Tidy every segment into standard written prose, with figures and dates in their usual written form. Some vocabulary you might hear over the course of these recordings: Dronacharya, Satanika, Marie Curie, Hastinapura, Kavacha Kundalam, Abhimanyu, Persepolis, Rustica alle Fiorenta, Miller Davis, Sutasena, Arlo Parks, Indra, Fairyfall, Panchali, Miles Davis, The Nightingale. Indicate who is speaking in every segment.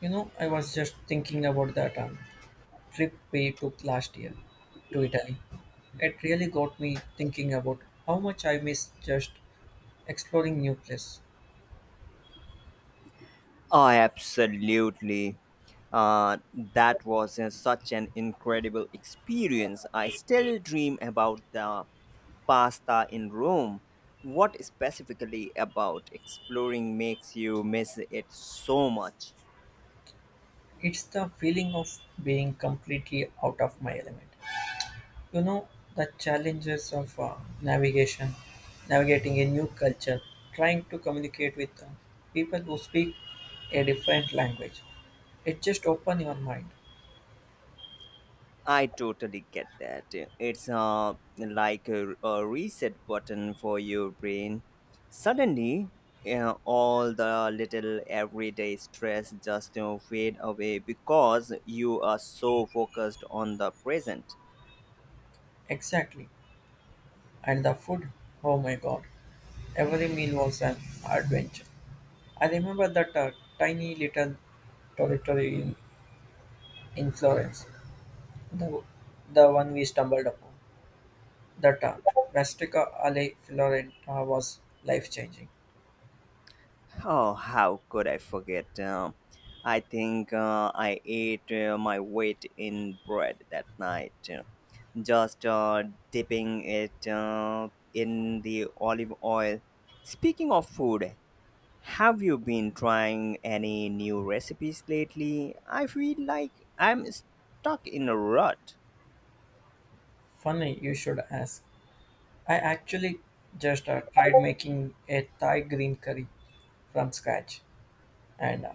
Speaker 1: You know, I was just thinking about that trip we took last year to Italy. It really got me thinking about how much I miss just exploring new places.
Speaker 2: Oh, absolutely. Uh, that was such an incredible experience. I still dream about the pasta in Rome. What specifically about exploring makes you miss it so much?
Speaker 1: It's the feeling of being completely out of my element. You know, the challenges of navigation, navigating a new culture, trying to communicate with people who speak a different language. It just opens your mind.
Speaker 2: I totally get that. It's like a reset button for your brain. Suddenly, all the little everyday stress just fade away because you are so focused on the present.
Speaker 1: Exactly. And the food, oh my god. Every meal was an adventure. I remember that tiny little territory in Florence, the, the one we stumbled upon. That Rustica alle Fiorenta was life changing.
Speaker 2: Oh, how could I forget? I think I ate my weight in bread that night, just dipping it in the olive oil. Speaking of food, have you been trying any new recipes lately? I feel like I'm stuck in a rut.
Speaker 1: Funny, you should ask. I actually just tried making a Thai green curry from scratch, and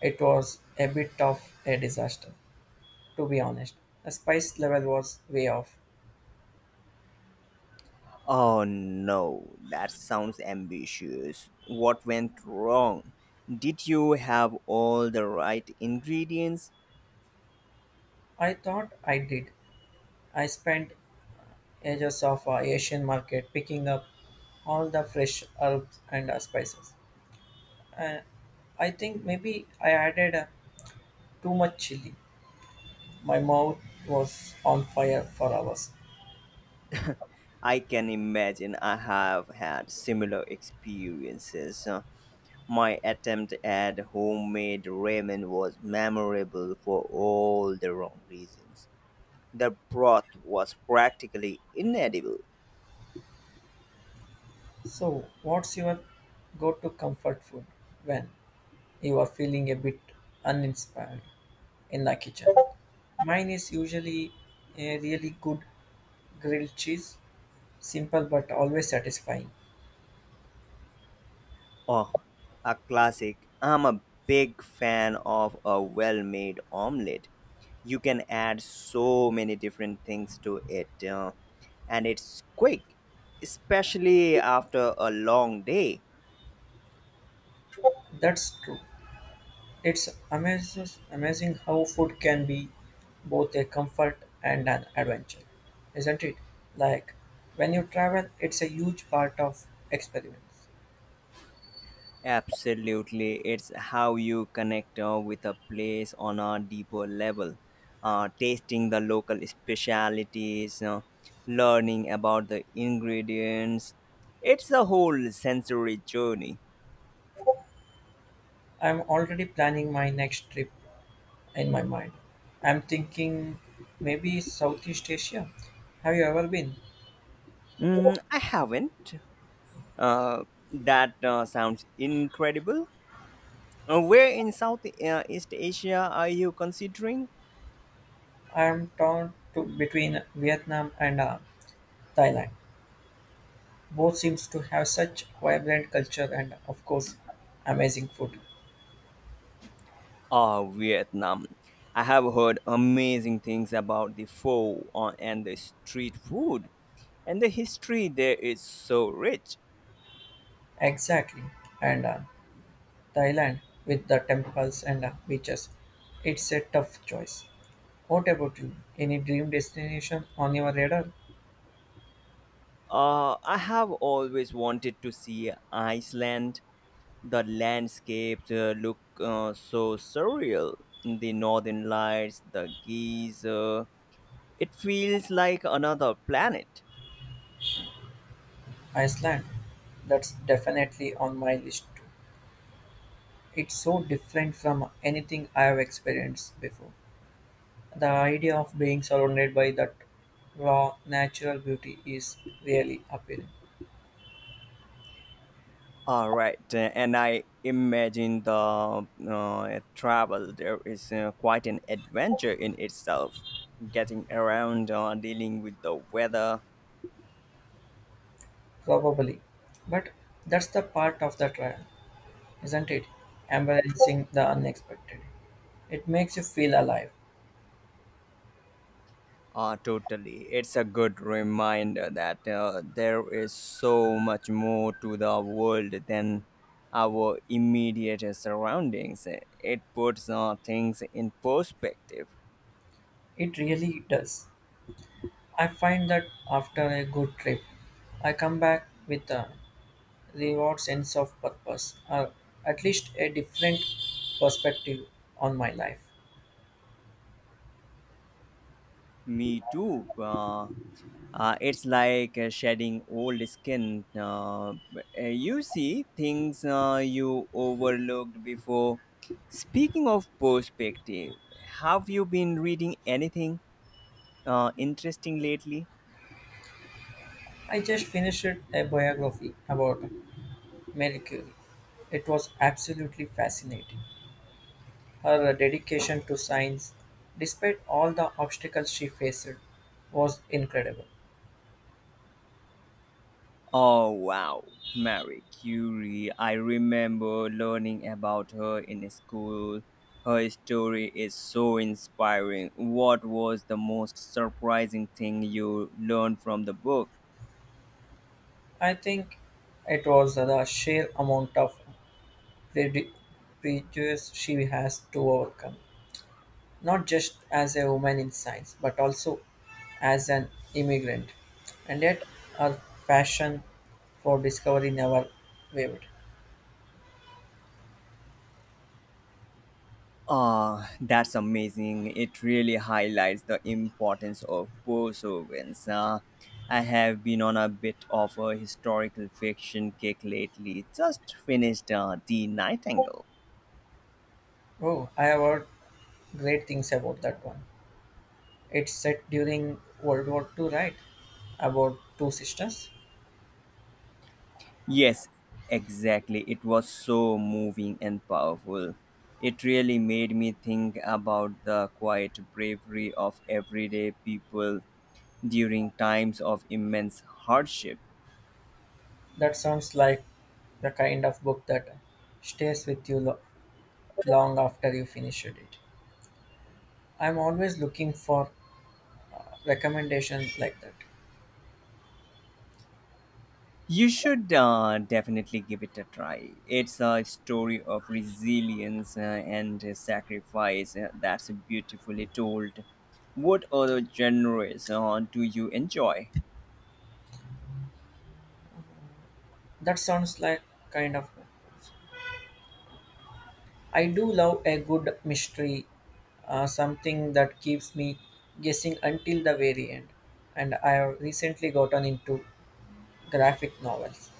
Speaker 1: it was a bit of a disaster, to be honest. The spice level was way off.
Speaker 2: Oh no, that sounds ambitious. What went wrong? Did you have all the right ingredients?
Speaker 1: I thought I did. I spent edges of Asian market, picking up all the fresh herbs and spices. Uh, I think maybe I added too much chili. My mouth was on fire for hours.
Speaker 2: I can imagine I have had similar experiences. My attempt at homemade ramen was memorable for all the wrong reasons. The broth was practically inedible.
Speaker 1: So, what's your go-to comfort food when you are feeling a bit uninspired in the kitchen? Mine is usually a really good grilled cheese, simple but always satisfying.
Speaker 2: Oh, a classic. I'm a big fan of a well made omelette. You can add so many different things to it, and it's quick, especially after a long day.
Speaker 1: That's true. It's amazes amazing how food can be both a comfort and an adventure, isn't it? Like when you travel, it's a huge part of experience.
Speaker 2: Absolutely, it's how you connect with a place on a deeper level. Tasting the local specialities, learning about the ingredients. It's a whole sensory journey.
Speaker 1: I'm already planning my next trip in my mind. I'm thinking maybe Southeast Asia. Have you ever been?
Speaker 2: Mm, I haven't. Uh, that sounds incredible. Where in Southeast Asia are you considering?
Speaker 1: I'm torn to between Vietnam and Thailand. Both seems to have such vibrant culture and of course amazing food.
Speaker 2: Oh, Vietnam. I have heard amazing things about the pho and the street food, and the history there is so rich.
Speaker 1: Exactly. And Thailand, with the temples and beaches, it's a tough choice. What about you? Any dream destination on your radar?
Speaker 2: I have always wanted to see Iceland. The landscapes look so surreal. The northern lights, the geese. It feels like another planet.
Speaker 1: Iceland, that's definitely on my list too. It's so different from anything I have experienced before. The idea of being surrounded by that raw natural beauty is really appealing.
Speaker 2: All right, and I imagine the travel there is quite an adventure in itself. Getting around, dealing with the weather.
Speaker 1: Probably. But that's the part of the trial, isn't it? Embracing the unexpected. It makes you feel alive.
Speaker 2: Ah, totally. It's a good reminder that there is so much more to the world than our immediate surroundings. It puts things in perspective.
Speaker 1: It really does. I find that after a good trip, I come back with a reward sense of purpose, or at least a different perspective on my life.
Speaker 2: Me too. It's like shedding old skin. You see things you overlooked before. Speaking of perspective, have you been reading anything interesting lately?
Speaker 1: I just finished a biography about Marie Curie. It was absolutely fascinating. Her dedication to science, despite all the obstacles she faced, was incredible.
Speaker 2: Oh, wow. Marie Curie. I remember learning about her in school. Her story is so inspiring. What was the most surprising thing you learned from the book?
Speaker 1: I think it was the sheer amount of pre- prejudice she has to overcome, not just as a woman in science, but also as an immigrant. And yet, her passion for discovery never wavered.
Speaker 2: Ah, that's amazing. It really highlights the importance of perseverance. I have been on a bit of a historical fiction kick lately. Just finished The Nightingale.
Speaker 1: Oh, I have heard great things about that one. It's set during World War Two, right? About two sisters.
Speaker 2: Yes, exactly. It was so moving and powerful. It really made me think about the quiet bravery of everyday people during times of immense hardship.
Speaker 1: That sounds like the kind of book that stays with you long after you finished it. I'm always looking for recommendations like that.
Speaker 2: You should definitely give it a try. It's a story of resilience and sacrifice that's beautifully told. What other genres do you enjoy?
Speaker 1: That sounds like kind of. I do love a good mystery, something that keeps me guessing until the very end. And I have recently gotten into graphic novels.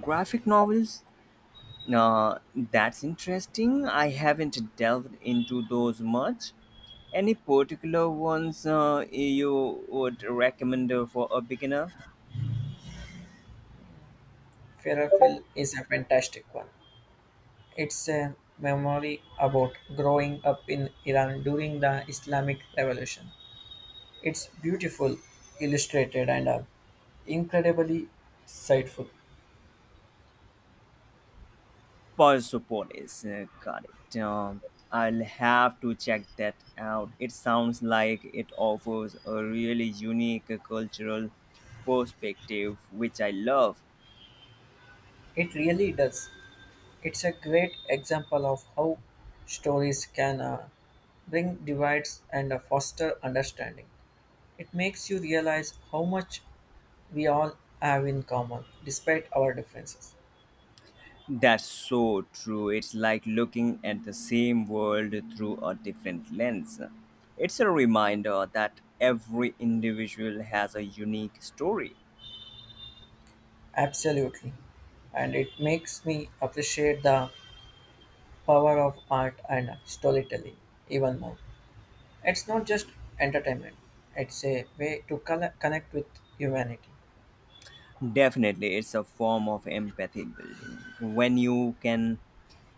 Speaker 2: Graphic novels? That's interesting. I haven't delved into those much. Any particular ones you would recommend for a beginner?
Speaker 1: Fairyfall is a fantastic one. It's a memory about growing up in Iran during the Islamic Revolution. It's beautiful, illustrated, and incredibly insightful.
Speaker 2: Persepolis, correct. I'll have to check that out. It sounds like it offers a really unique cultural perspective, which I love.
Speaker 1: It really does. It's a great example of how stories can bring divides and foster understanding. It makes you realize how much we all have in common despite our differences.
Speaker 2: That's so true. It's like looking at the same world through a different lens. It's a reminder that every individual has a unique story.
Speaker 1: Absolutely. And it makes me appreciate the power of art and storytelling even more. It's not just entertainment, it's a way to connect with humanity.
Speaker 2: Definitely, it's a form of empathy building. When you can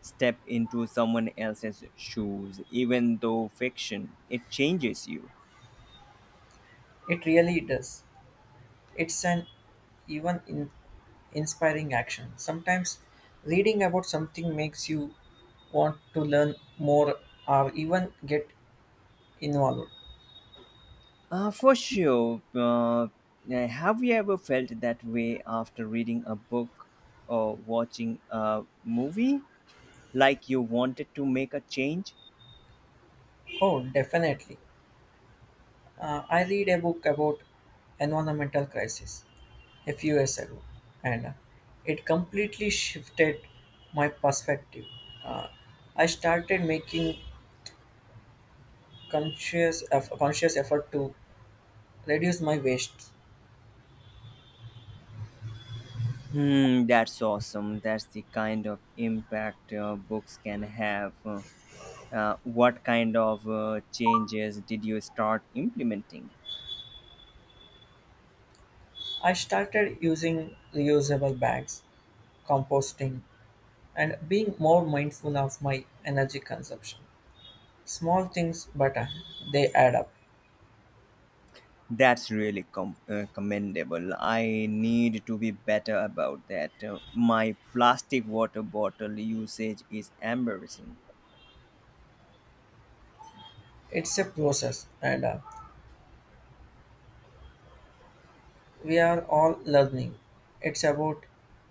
Speaker 2: step into someone else's shoes, even though fiction, it changes you.
Speaker 1: It really does. It's an even in inspiring action. Sometimes reading about something makes you want to learn more or even get involved.
Speaker 2: For sure. Have you ever felt that way after reading a book or watching a movie? Like you wanted to make a change?
Speaker 1: Oh, definitely. I read a book about environmental crisis a few years ago, and it completely shifted my perspective. Uh, I started making conscious effort to reduce my waste.
Speaker 2: Hmm, that's awesome. That's the kind of impact books can have. What kind of changes did you start implementing?
Speaker 1: I started using reusable bags composting, and being more mindful of my energy consumption. Small things, but they add up.
Speaker 2: That's really commendable. I need to be better about that. My plastic water bottle usage is embarrassing.
Speaker 1: It's a process, and we are all learning. It's about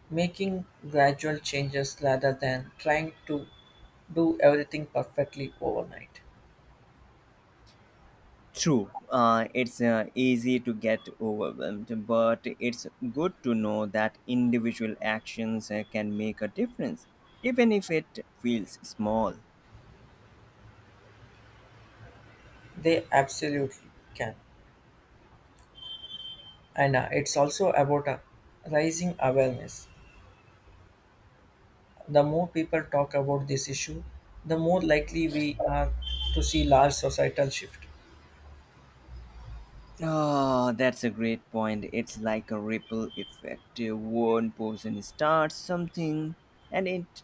Speaker 1: making gradual changes rather than trying to do everything perfectly overnight.
Speaker 2: True, it's easy to get overwhelmed, but it's good to know that individual actions can make a difference, even if it feels small.
Speaker 1: They absolutely can. And it's also about raising awareness. The more people talk about this issue, the more likely we are to see large societal shift.
Speaker 2: Oh, that's a great point. It's like a ripple effect. One person starts something and it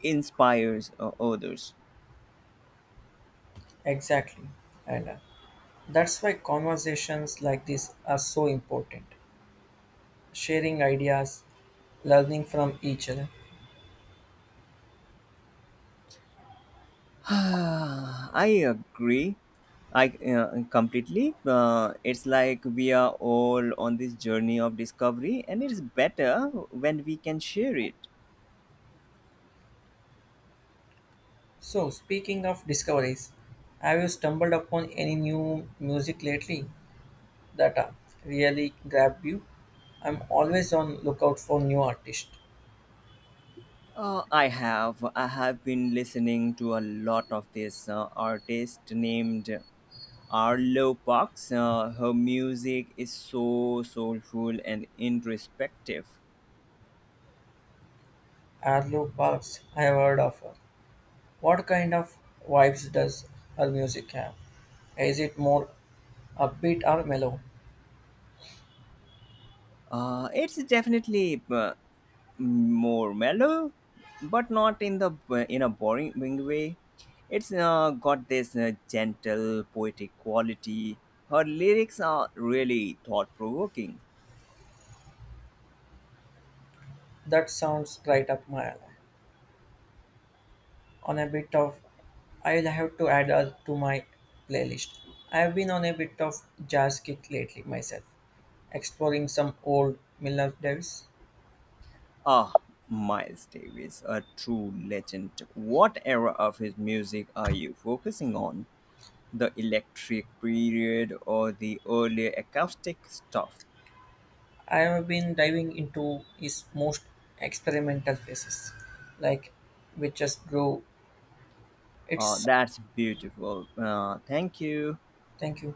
Speaker 2: inspires others.
Speaker 1: Exactly. And that's why conversations like this are so important. Sharing ideas, learning from each other.
Speaker 2: I agree. I completely. It's like we are all on this journey of discovery, and it's better when we can share it.
Speaker 1: So, speaking of discoveries, have you stumbled upon any new music lately that really grabbed you? I'm always on lookout for new artists.
Speaker 2: I have been listening to a lot of this artist named Arlo Parks. Her music is so soulful and introspective.
Speaker 1: Arlo Parks, I have heard of her. What kind of vibes does her music have? Is it more upbeat or mellow?
Speaker 2: It's definitely more mellow, but not in the in a boring way. It's got this gentle poetic quality. Her lyrics are really thought provoking.
Speaker 1: That sounds right up my alley. On a bit of I'll have to add to my playlist. I've been on a bit of jazz kick lately myself, exploring some old Miller Davis.
Speaker 2: Ah, Miles Davis, a true legend. What era of his music are you focusing on? The electric period or the early acoustic stuff?
Speaker 1: I have been diving into his most experimental phases, like which just grew. It's
Speaker 2: That's beautiful. Thank you.
Speaker 1: thank you.